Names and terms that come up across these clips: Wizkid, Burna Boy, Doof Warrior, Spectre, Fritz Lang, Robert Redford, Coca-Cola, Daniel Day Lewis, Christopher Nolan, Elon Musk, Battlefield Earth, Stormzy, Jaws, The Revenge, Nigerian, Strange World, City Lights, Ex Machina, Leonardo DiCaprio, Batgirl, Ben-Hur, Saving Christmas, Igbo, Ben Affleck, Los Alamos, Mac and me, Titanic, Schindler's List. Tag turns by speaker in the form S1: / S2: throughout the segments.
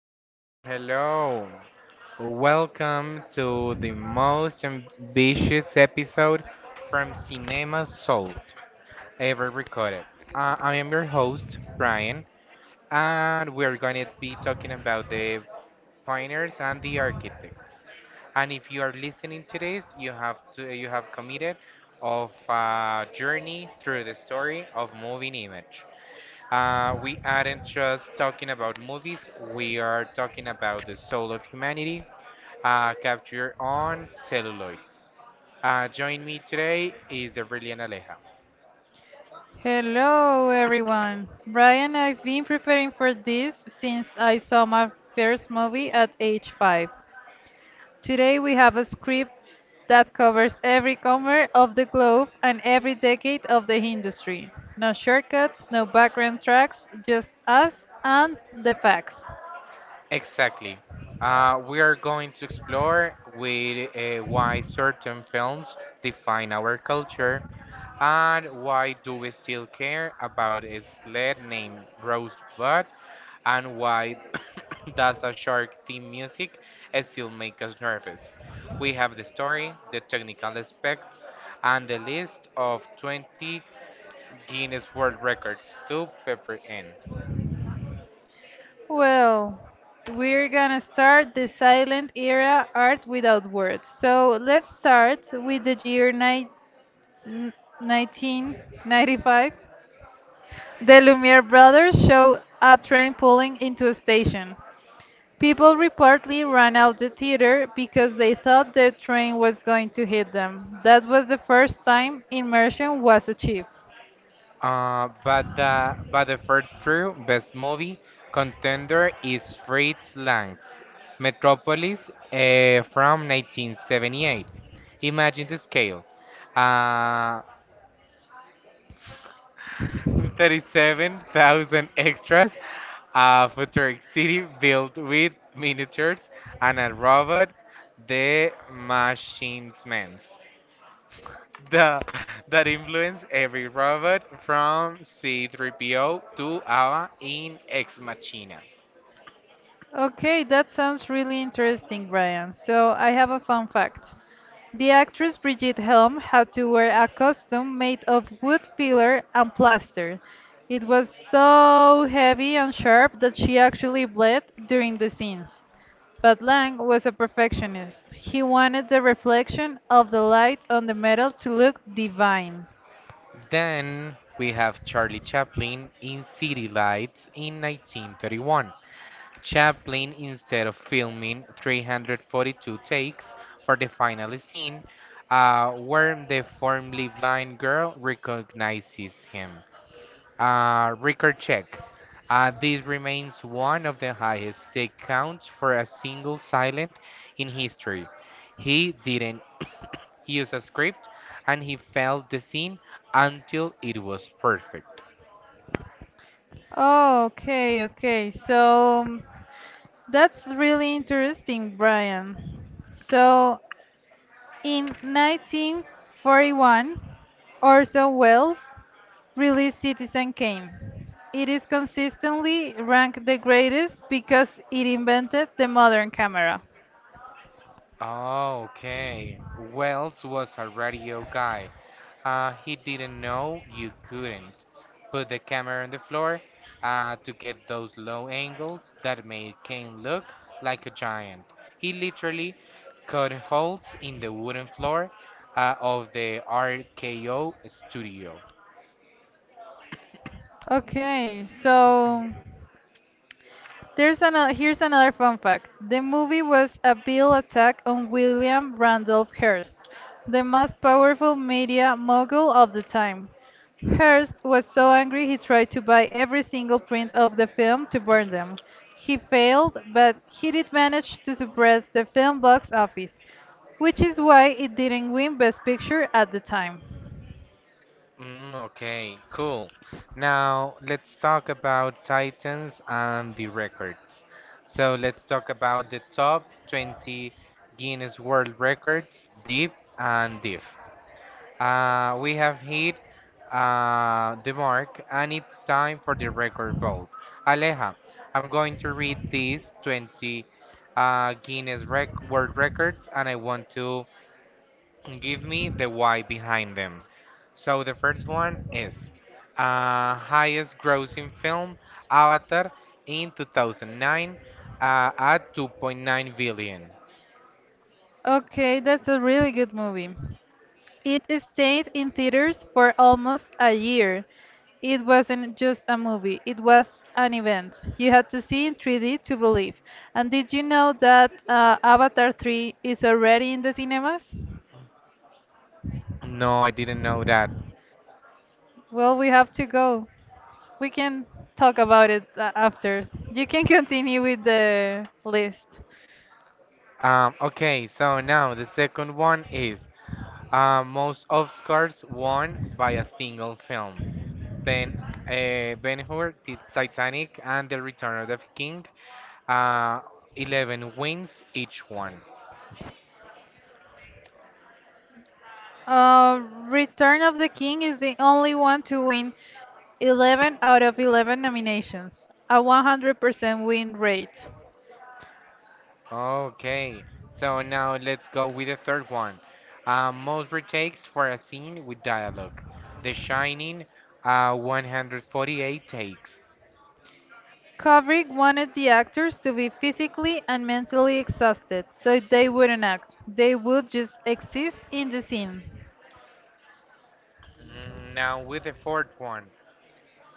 S1: Hello, hello, hello. Welcome to the most ambitious episode from Cinema Sold ever recorded. I am your host, Brian, and we're going to be talking about the pioneers and the architects. And if you are listening to this, you have committed of a journey through the story of moving image. We aren't just talking about movies, we are talking about the soul of humanity, captured on celluloid. Join me today is Aurelian Aleja.
S2: Hello, everyone. Brian, I've been preparing for this since I saw my first movie at age 5. Today, we have a script that covers every corner of the globe and every decade of the industry. No shortcuts, no background tracks, just us and the facts.
S1: Exactly. We are going to explore with why certain films define our culture. And why do we still care about a sled named Rosebud? And why does a shark theme music still make us nervous? We have the story, the technical aspects, and the list of 20 Guinness World Records to pepper in.
S2: Well, we're gonna start the silent era art without words. So let's start with the year n- 1995. The Lumiere brothers showed a train pulling into a station. People reportedly ran out the theater because they thought the train was going to hit them. That was the first time immersion was achieved.
S1: But the first true best movie contender is Fritz Lang's Metropolis from 1978. Imagine the scale. Uh, 37,000 extras, a futuristic city built with miniatures and a robot, the Machines Man's. the that influenced every robot from C3PO to Ava in Ex Machina.
S2: Okay, that sounds really interesting, Brian. So I have a fun fact. The actress Brigitte Helm had to wear a costume made of wood filler and plaster. It was so heavy and sharp that she actually bled during the scenes. But Lang was a perfectionist. He wanted the reflection of the light on the metal to look divine.
S1: Then we have Charlie Chaplin in City Lights in 1931. Chaplin, instead of filming 342 takes for the final scene, where the formerly blind girl recognizes him. Record check. This remains one of the highest take counts for a single silent in history. He didn't use a script and he failed the scene until it was perfect.
S2: Oh, okay, okay. That's really interesting, Brian. So in 1941, Orson Welles' released Citizen Kane. It is consistently ranked the greatest because it invented the modern camera.
S1: Oh, okay. Wells was a radio guy. He didn't know you couldn't put the camera on the floor to get those low angles that made Kane look like a giant. He literally cut holes in the wooden floor of the RKO studio.
S2: Okay, so here's another fun fact. The movie was a bill attack on William Randolph Hearst, the most powerful media mogul of the time. Hearst was so angry he tried to buy every single print of the film to burn them. He failed, but he did manage to suppress the film box office, which is why it didn't win Best Picture at the time.
S1: Mm, okay, cool. Now let's talk about Titans and the records. So let's talk about the top 20 Guinness World Records, deep and diff. We have hit the mark, and it's time for the record vote. Aleja, I'm going to read these 20 Guinness rec World Records, and I want to and give me the why behind them. So the first one is highest grossing film Avatar in 2009 at 2.9 billion.
S2: Okay, that's a really good movie. It stayed in theaters for almost a year. It wasn't just a movie, it was an event. You had to see in 3D to believe. And did you know that Avatar 3 is already in the cinemas?
S1: No, I didn't know that.
S2: Well, we have to go. We can talk about it after. You can continue with the list.
S1: Okay, so now the second one is most Oscars won by a single film. Ben Ben-Hur, Titanic, and The Return of the King. Uh, 11 wins each one.
S2: Uh, Return of the King is the only one to win 11 out of 11 nominations, a 100% win rate.
S1: Okay, so now let's go with the third one. Most retakes for a scene with dialogue. The Shining, 148 takes.
S2: Kubrick wanted the actors to be physically and mentally exhausted, so they wouldn't act. They would just exist in the scene.
S1: Now with the fourth one,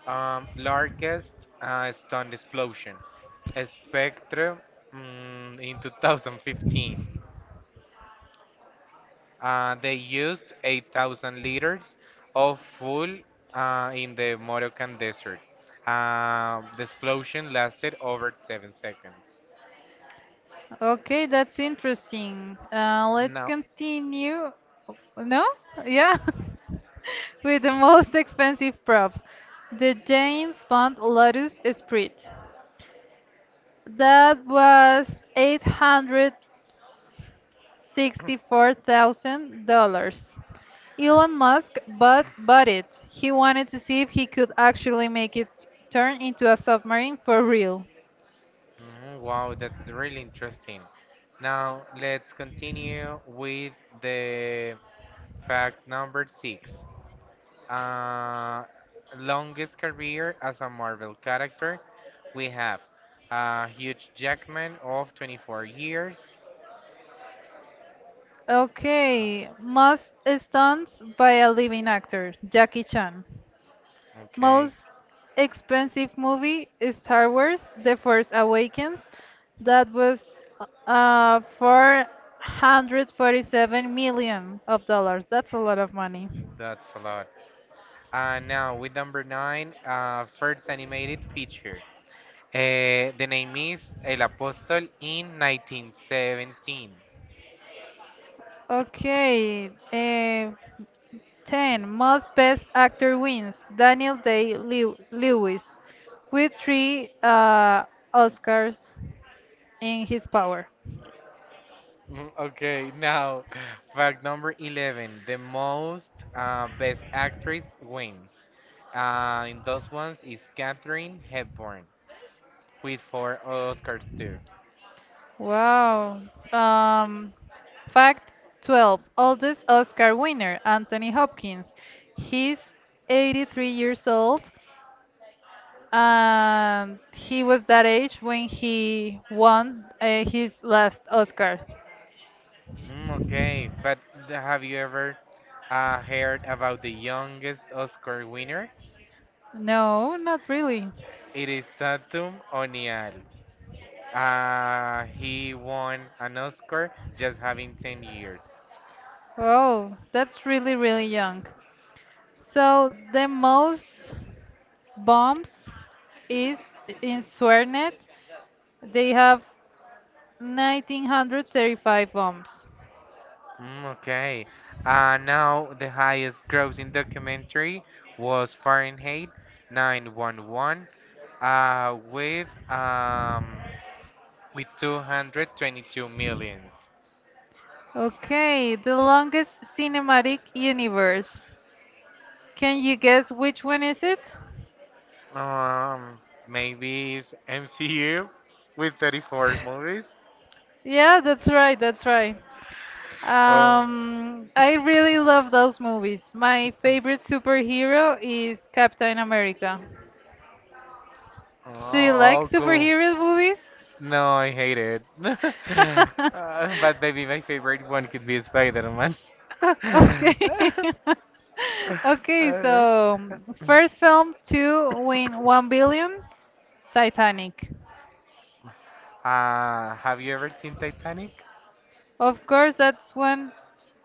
S1: largest stunt explosion. Spectre in 2015. They used 8,000 liters of fuel in the Moroccan desert. The explosion lasted over 7 seconds.
S2: Okay, that's interesting. Let's
S1: Now,
S2: continue. No? Yeah. With the most expensive prop, the James Bond Lotus Esprit. That was 800. $64,000. Elon Musk bought it. He wanted to see if he could actually make it turn into a submarine for real.
S1: mhm, wow, that's really interesting. Now, let's continue with the fact number six. Uh, Longest career as a Marvel character, we have Hugh Jackman of 24 years.
S2: Okay, most stunts by a living actor, Jackie Chan.
S1: Okay,
S2: Most expensive movie, Star Wars: The Force Awakens. That was 447 million of dollars. That's a lot of money.
S1: that's a lot. Now, with number nine, first animated feature. The name is El Apóstol in 1917.
S2: Okay, 10. Most Best Actor wins, Daniel Lewis with three Oscars in his power.
S1: Mm, okay, now fact number 11. The most best actress wins. In those ones is Katharine Hepburn with four Oscars too.
S2: Wow. Um, Fact 12. Oldest Oscar winner, Anthony Hopkins. He's 83 years old, and he was that age when he won his last Oscar.
S1: Mm, okay, but have you ever heard about the youngest Oscar winner?
S2: No, not really.
S1: It is Tatum O'Neill. He won an Oscar just having 10 years.
S2: Oh, that's really, really young. So the most bombs is in Swernet. They have 1935 bombs.
S1: Mm, okay. Now the highest grossing documentary was Fahrenheit 911 uh, with um, with 222 millions.
S2: Okay, the longest cinematic universe. Can you guess which one is it?
S1: Um, Maybe it's MCU with 34 movies.
S2: Yeah, that's right, that's right.
S1: Oh,
S2: I really love those movies. My favorite superhero is Captain America. Do you like
S1: oh, cool.
S2: superhero movies?
S1: No, I hate it. But maybe my favorite one could be Spider-Man.
S2: Okay. Okay,
S1: Uh,
S2: so first film to win 1 billion, Titanic.
S1: Have you ever seen Titanic?
S2: Of course,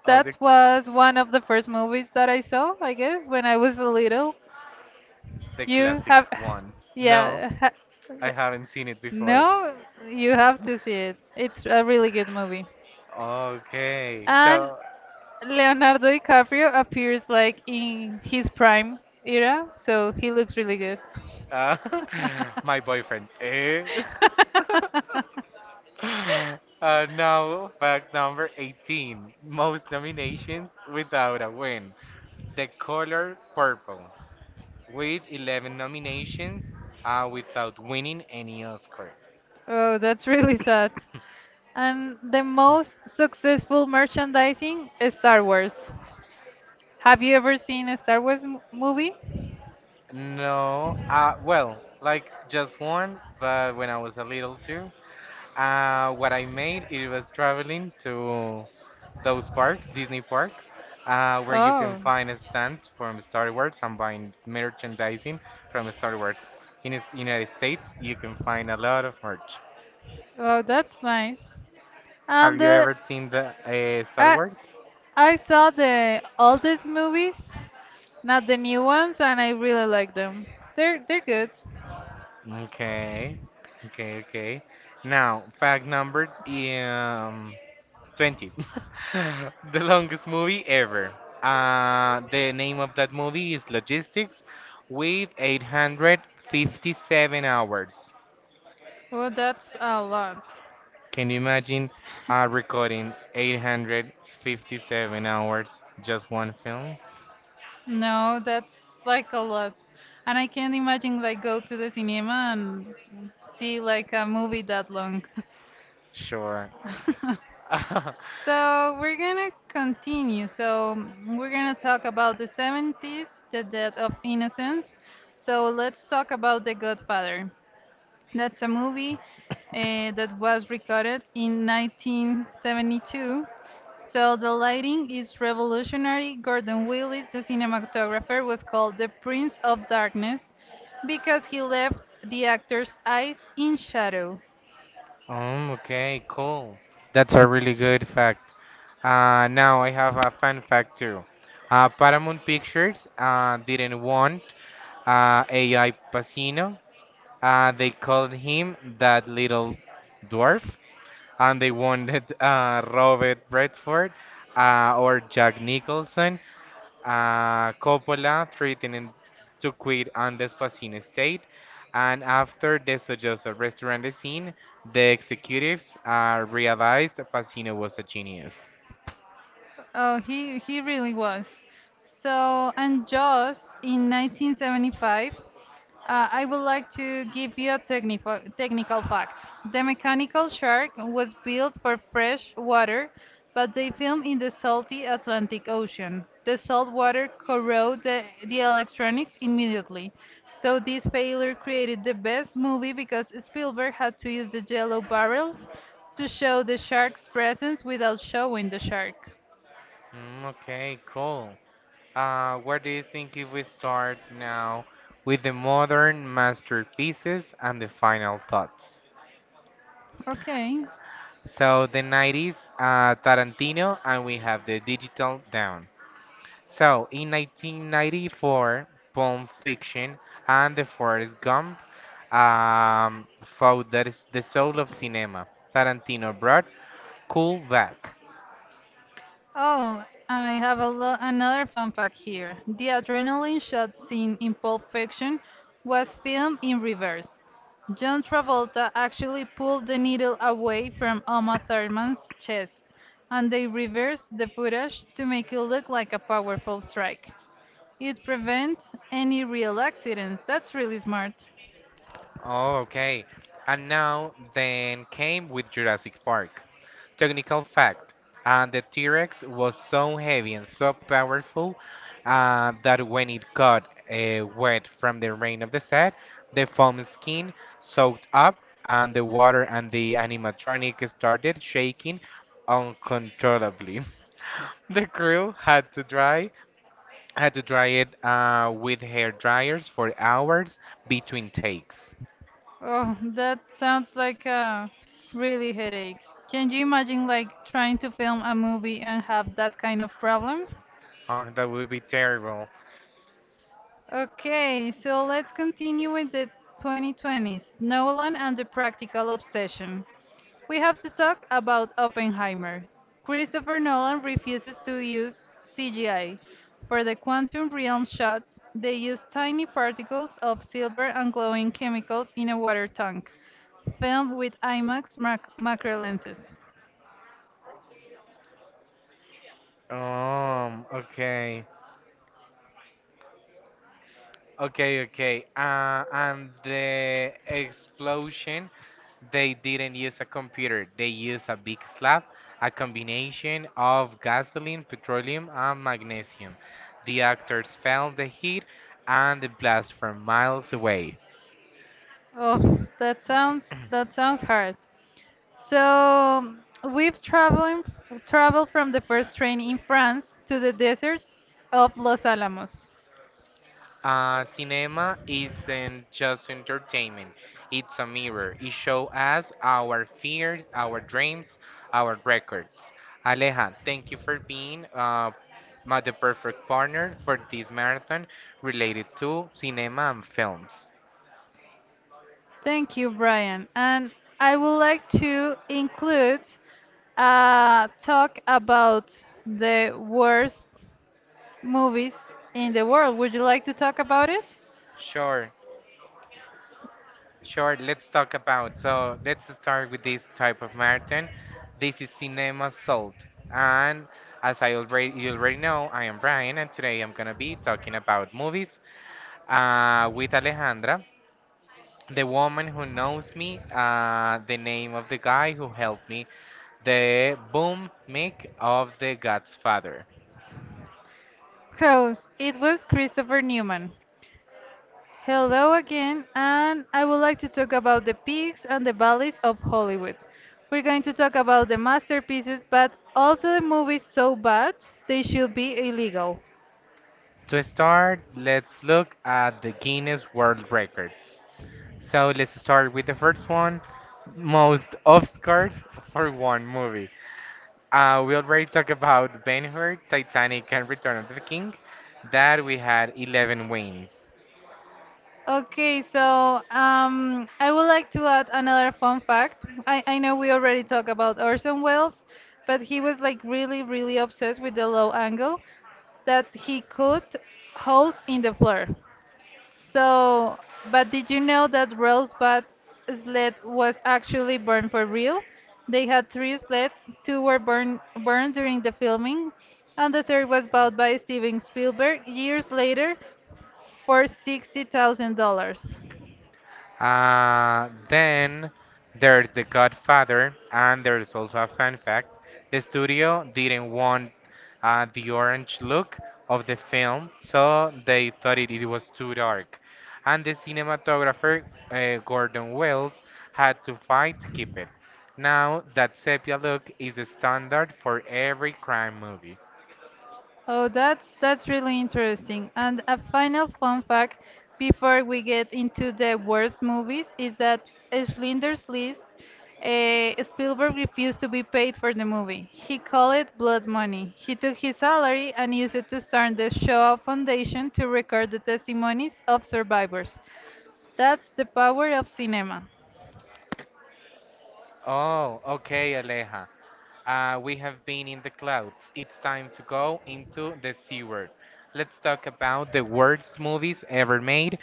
S1: Of the
S2: that was one of the first movies that I saw, I guess, when I was little.
S1: the
S2: You
S1: classic
S2: have
S1: ones. No,
S2: yeah, ha,
S1: I haven't seen it before.
S2: no, you have to see it. It's a really good movie.
S1: Okay,
S2: And
S1: so
S2: Leonardo DiCaprio appears like in his prime era, so he looks really good.
S1: uh, my boyfriend. Eh? Now, fact number 18. Most nominations without a win. The color purple with 11 nominations without winning any Oscar.
S2: Oh, that's really sad. And the most successful merchandising is Star Wars. Have you ever seen a movie?
S1: No, well, like just one, but when I was a little too, what I made it was traveling to those parks, Disney parks, where you can
S2: Oh,
S1: find stands from Star Wars and buying merchandising from Star Wars. In the United States, you can find a lot of merch.
S2: oh, that's nice.
S1: Have
S2: And
S1: you ever seen the Star
S2: I,
S1: Wars?
S2: I saw the oldest movies, not the new ones, and I really like them. They're good.
S1: Okay, okay, okay. Now, fact number 20. The longest movie ever. The name of that movie is Logistics with 857 hours.
S2: Well, that's a lot.
S1: Can you imagine recording 857 hours just one film?
S2: No, that's like a lot. And I can't imagine like go to the cinema and see like a movie that long.
S1: Sure.
S2: So we're gonna continue. So we're gonna talk about the 70s, the death of innocence. So let's talk about The Godfather. That's a movie that was recorded in 1972. So the lighting is revolutionary. Gordon Willis, the cinematographer, was called the Prince of Darkness because he left the actor's eyes in shadow.
S1: Okay, cool. That's a really good fact. Now I have a fun fact too. Paramount Pictures didn't want AI Pacino. They called him that little dwarf, and they wanted Robert Redford or Jack Nicholson. Coppola threatened to quit on Despacito estate, and after the Sollozos restaurant scene, the executives realized Pacino was a genius.
S2: Oh, he really was. So, and Jaws in 1975. I would like to give you a technical fact. The mechanical shark was built for fresh water, but they film in the salty Atlantic Ocean. The salt water corrode the electronics immediately. So this failure created the best movie because Spielberg had to use the yellow barrels to show the shark's presence without showing the shark.
S1: Mm, okay, cool. Where do you think if we start now with the modern masterpieces and the final thoughts?
S2: Okay.
S1: So the 90s, Tarantino, and we have the digital down. So in 1994, Pulp Fiction and The Forrest Gump fought that is the soul of cinema. Tarantino brought cool back.
S2: Oh, I have a another fun fact here. The adrenaline shot scene in Pulp Fiction was filmed in reverse. John Travolta actually pulled the needle away from Uma Thurman's chest, and they reversed the footage to make it look like a powerful strike. It prevents any real accidents. That's really smart.
S1: Oh, okay. And now then came with Jurassic Park. Technical fact, and the T-Rex was so heavy and so powerful that when it got wet from the rain of the set, the foam skin soaked up and the water and the animatronic started shaking uncontrollably. The crew had to dry it with hair dryers for hours between takes.
S2: Oh, that sounds like a really headache. Can you imagine like trying to film a movie and have that kind of problems?
S1: Oh, that would be terrible.
S2: Okay, so let's continue with the 2020s, Nolan and the Practical Obsession. We have to talk about Oppenheimer. Christopher Nolan refuses to use CGI. For the quantum realm shots, they use tiny particles of silver and glowing chemicals in a water tank, filmed with IMAX macro lenses.
S1: Okay. Okay, okay. And the explosion, they didn't use a computer. They used a big slab, a combination of gasoline, petroleum, and magnesium. The actors felt the heat and the blast from miles away.
S2: Oh, that sounds hard. So we've traveled from the first train in France to the deserts of Los Alamos.
S1: Cinema isn't just entertainment, it's a mirror. It shows us our fears, our dreams, our records. Aleja, thank you for being the perfect partner for this marathon related to cinema and films.
S2: Thank you, Brian. And I would like to include a talk about the worst movies in the world. Would you like to talk about it?
S1: Sure, sure, let's talk about. So, let's start with this type of marathon. This is Cinema Salt, and as I already you already know, I am Brian and today I'm gonna be talking about movies with Alejandra, the woman who knows me, the name of the guy who helped me, the boom mic of the Godfather.
S2: Close. It was Christopher Newman. Hello again, and I would like to talk about the peaks and the valleys of Hollywood. We're going to talk about the masterpieces, but also the movies so bad they should be illegal.
S1: To start, let's look at the Guinness World Records. So let's start with the first one, most Oscars for one movie. We already talked about Ben-Hur, Titanic, and Return of the King. That we had 11 wins.
S2: Okay, so I would like to add another fun fact. I know we already talked about Orson Welles, but he was like really, really obsessed with the low angle that he cut holes in the floor. So, but did you know that Rosebud sled was actually burned for real? They had 3 sleds, two were burned during the filming, and the third was bought by Steven Spielberg years later for $60,000.
S1: Then there's The Godfather, and there's also a fun fact. The studio didn't want the orange look of the film, so they thought it was too dark. And the cinematographer, Gordon Wells, had to fight to keep it. Now, that sepia look is the standard for every crime movie.
S2: Oh, that's really interesting. And a final fun fact before we get into the worst movies is that Schindler's List, Spielberg refused to be paid for the movie. He called it blood money. He took his salary and used it to start the Shaw Foundation to record the testimonies of survivors. That's the power of cinema.
S1: Oh, okay, Aleja. We have been in the clouds. It's time to go into the C word. Let's talk about the worst movies ever made.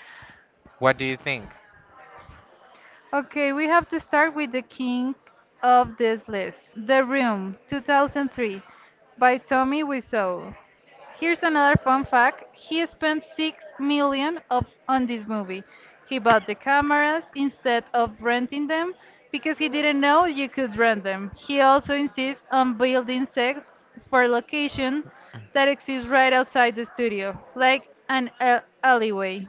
S1: What do you think?
S2: Okay, we have to start with the king of this list, The Room, 2003, by Tommy Wiseau. Here's another fun fact. He spent 6 million of, on this movie. He bought the cameras instead of renting them because he didn't know you could rent them. He also insists on building sets for location that exists right outside the studio, like an alleyway.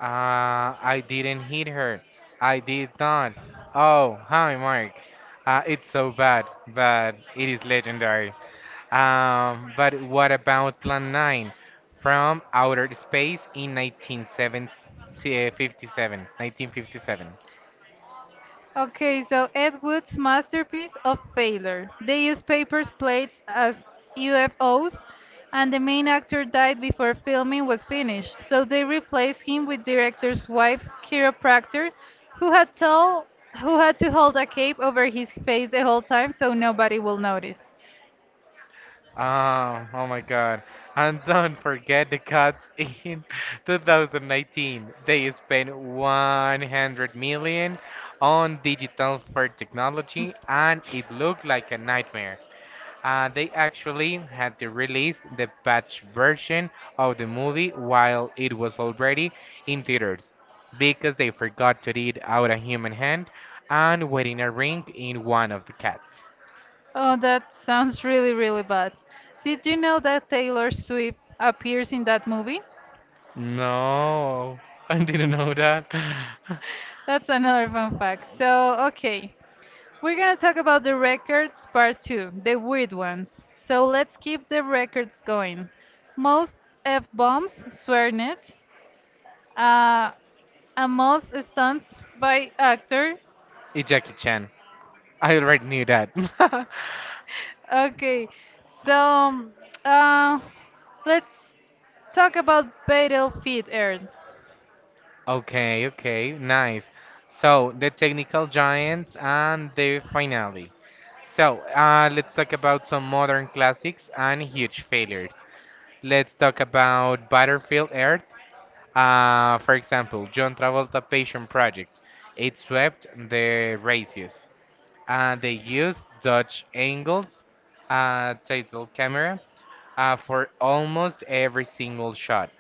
S1: I didn't hit her. I did not. Oh, hi, Mark. It's so bad, but it is legendary. But what about Plan 9 from Outer Space in 1957? 1957.
S2: Okay, so Ed Wood's masterpiece of failure. They used paper plates as UFOs, and the main actor died before filming was finished, so they replaced him with director's wife's chiropractor, who had told who had to hold a cape over his face the whole time so nobody will notice.
S1: Oh my God. And don't forget the cuts in 2019. They spent 100 million on digital for technology and it looked like a nightmare. They actually had to release the patch version of the movie while it was already in theaters because they forgot to read out a human hand and wearing a ring in one of the cats.
S2: Oh, that sounds really, really bad. Did you know that Taylor Swift appears in that movie?
S1: No, I didn't know that.
S2: That's another fun fact. So, okay. We're going to talk about the records part 2, the weird ones. So let's keep the records going. Most F bombs, sworn it. Uh, and most stunts by actor.
S1: It's Jackie Chan. I already knew that.
S2: Okay, so uh, let's talk about Battlefield Earth.
S1: Okay, okay, nice. So the technical giants and the finale. So let's talk about some modern classics and huge failures. Let's talk about Battlefield Earth. For example, John Travolta Passion Project. It swept the races. They used Dutch angles, title camera, for almost every single shot.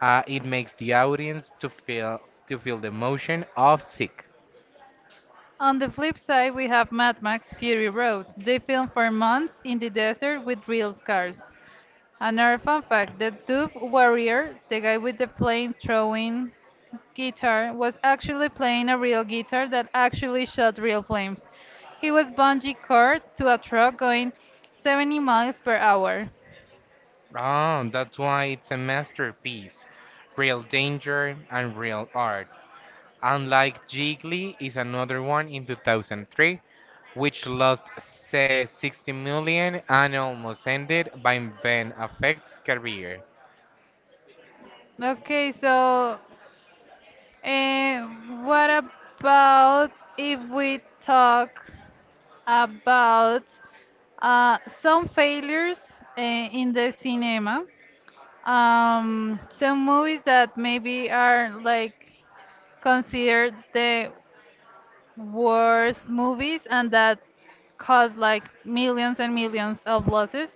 S1: It makes the audience to feel the emotion of sick.
S2: On the flip side, we have Mad Max Fury Road. They filmed for months in the desert with real cars. Another fun fact, the Doof Warrior, the guy with the flame throwing guitar, was actually playing a real guitar that actually shot real flames. He was bungee cord to a truck going 70 miles per hour.
S1: Oh, that's why it's a masterpiece. Real danger and real art. Unlike Jiggly is another one in 2003, which lost say 60 million and almost ended by Ben Affleck's career.
S2: Okay, so uh, what about if we talk about some failures in the cinema? Some movies that maybe are like considered the worst movies and that cause like millions and millions of losses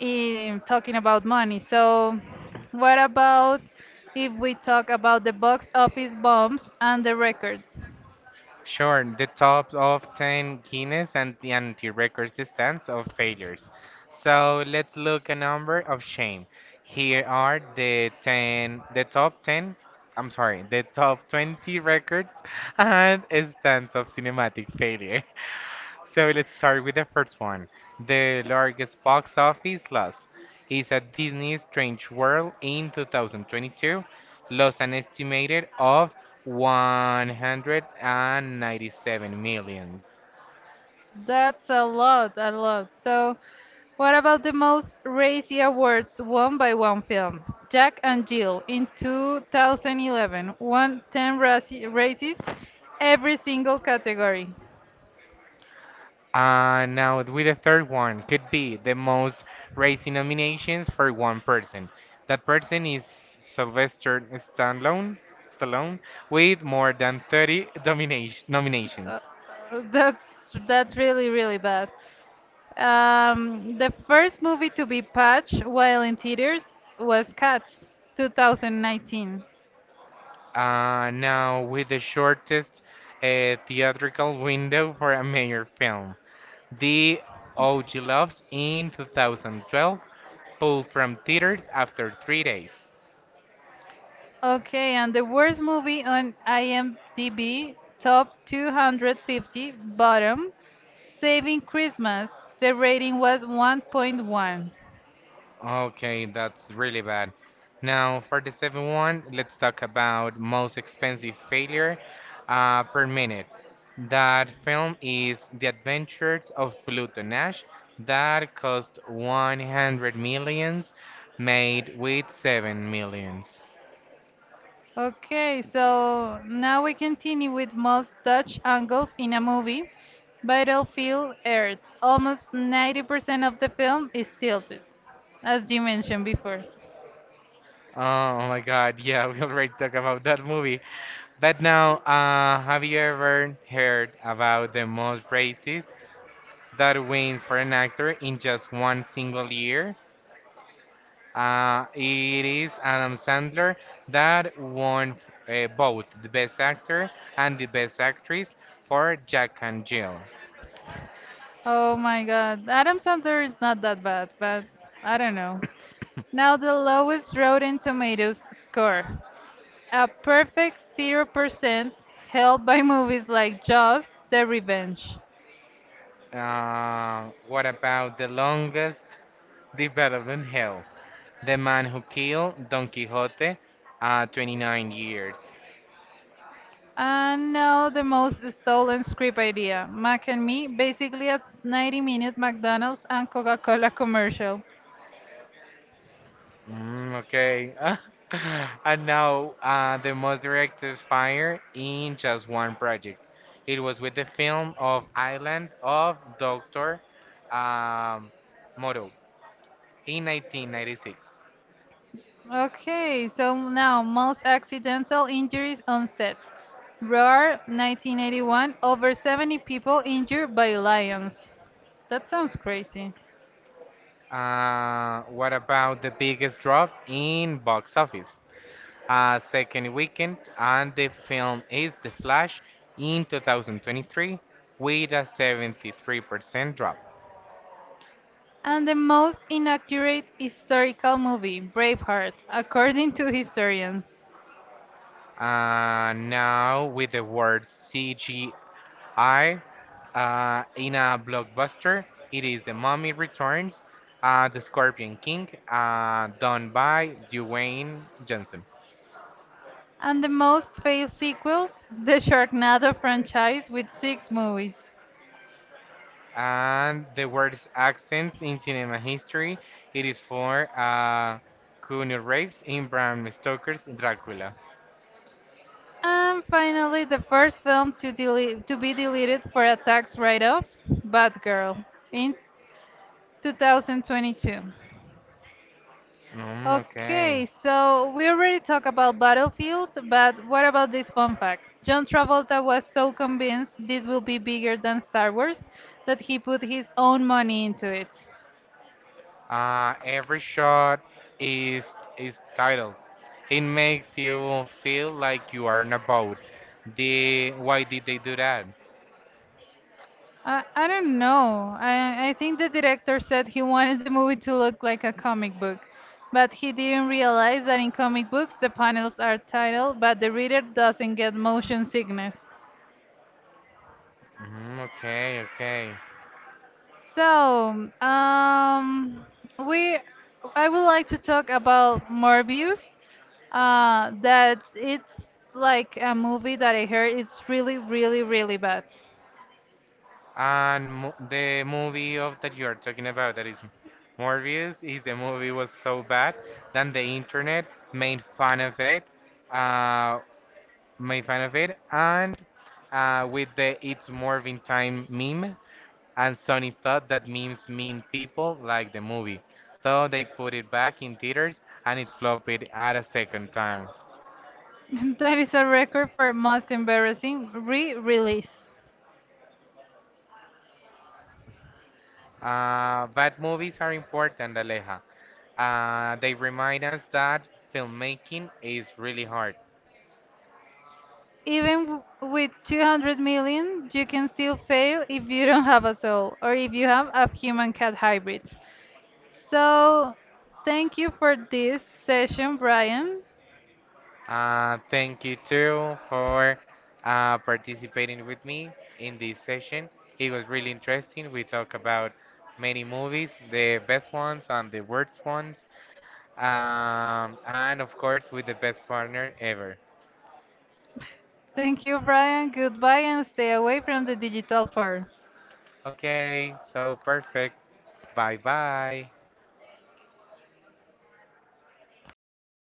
S2: in talking about money. So, what about if we talk about the box office bombs and the records?
S1: Sure, the top of 10 Guinness and the anti-record stands of failures. So let's look a number of shame. Here are the 10, the top 10, I'm sorry, the top 20 records and stands of cinematic failure. So let's start with the first one. The largest box office loss is at Disney's Strange World in 2022, lost an estimated of 197 millions.
S2: That's a lot, a lot. So, what about the most racy awards won by one film? Jack and Jill in 2011 won 10 races, every single category.
S1: And now with the third one, could be the most raising nominations for one person. That person is Sylvester Stallone with more than 30 domination,
S2: Uh,
S1: nominations.
S2: that's really really bad. The first movie to be patched while in theaters was Cats, 2019.
S1: Now, with the shortest theatrical window for a major film, The OG Loves in 2012 pulled from theaters after 3 days.
S2: Okay, and the worst movie on IMDb, top 250, bottom, Saving Christmas. The rating was 1.1.
S1: Okay, that's really bad. Now, for the seventh one, let's talk about most expensive failure per minute. That film is The Adventures of Pluto Nash that cost 100 millions, made with 7 millions.
S2: Okay, so now we continue with most Dutch angles in a movie. Battlefield Earth. Almost 90% of the film is tilted, as you mentioned before.
S1: Oh, oh my God, yeah, we already talked about that movie. But now, have you ever heard about the most races that wins for an actor in just one single year? It is Adam Sandler that won both the Best Actor and the Best Actress for Jack and Jill.
S2: Oh my God. Adam Sandler is not that bad, but I don't know. Now the lowest Rotten Tomatoes score. A perfect 0% held by movies like Jaws, The Revenge.
S1: What about the longest development hell? The Man Who Killed Don Quixote, 29 years.
S2: And now the most stolen script idea. Mac and me, basically a 90-minute McDonald's and Coca-Cola commercial.
S1: Mm, okay. And now the most directors fired in just one project. It was with the film of Island of Doctor um, Moreau in 1996.
S2: Okay, so now most accidental injuries on set. Roar 1981, over 70 people injured by lions. That sounds crazy.
S1: What about the biggest drop in box office? Second weekend, and the film is The Flash in 2023 with a 73% drop.
S2: And the most inaccurate historical movie, Braveheart, according to historians.
S1: Now with the word CGI in a blockbuster, it is The Mummy Returns, The Scorpion King, done by Dwayne Johnson.
S2: And the most failed sequels, the Sharknado franchise with 6 movies.
S1: And the word's accents in cinema history, it is for Keanu Reeves in Bram Stoker's Dracula.
S2: And finally, the first film to, to be deleted for a tax write off, Batgirl, in 2022.
S1: Mm,
S2: Okay,
S1: okay.
S2: so we already talked about Battlefield, but what about this fun fact? John Travolta was so convinced this will be bigger than Star Wars that he put his own money into it.
S1: Every shot is titled. It makes you feel like you are in a boat. The why did they do that?
S2: I don't know. I think the director said he wanted the movie to look like a comic book, but he didn't realize that in comic books the panels are titled, but the reader doesn't get motion sickness.
S1: Mhm, okay, okay.
S2: So, we, I would like to talk about Morbius. That it's like a movie that I heard it's really, really, really bad.
S1: And mo the movie of that you are talking about, that is Morbius, is the movie was so bad that the internet made fun of uh, it, and with the It's Morphine Time meme. And Sony thought that memes mean people like the movie, so they put it back in theaters and it flopped at a second time.
S2: That is a record for most embarrassing re-release.
S1: But movies are important, Aleja. They remind us that filmmaking is really hard.
S2: Even with 200 million, you can still fail if you don't have a soul, or if you have a human-cat hybrids. So, thank you for this session, Brian.
S1: Thank you too for participating with me in this session. It was really interesting. We talk about many movies, the best ones and the worst ones. And of course, with the best partner ever.
S2: Thank you, Brian. Goodbye and stay away from the digital phone.
S1: Okay, so perfect. Bye bye.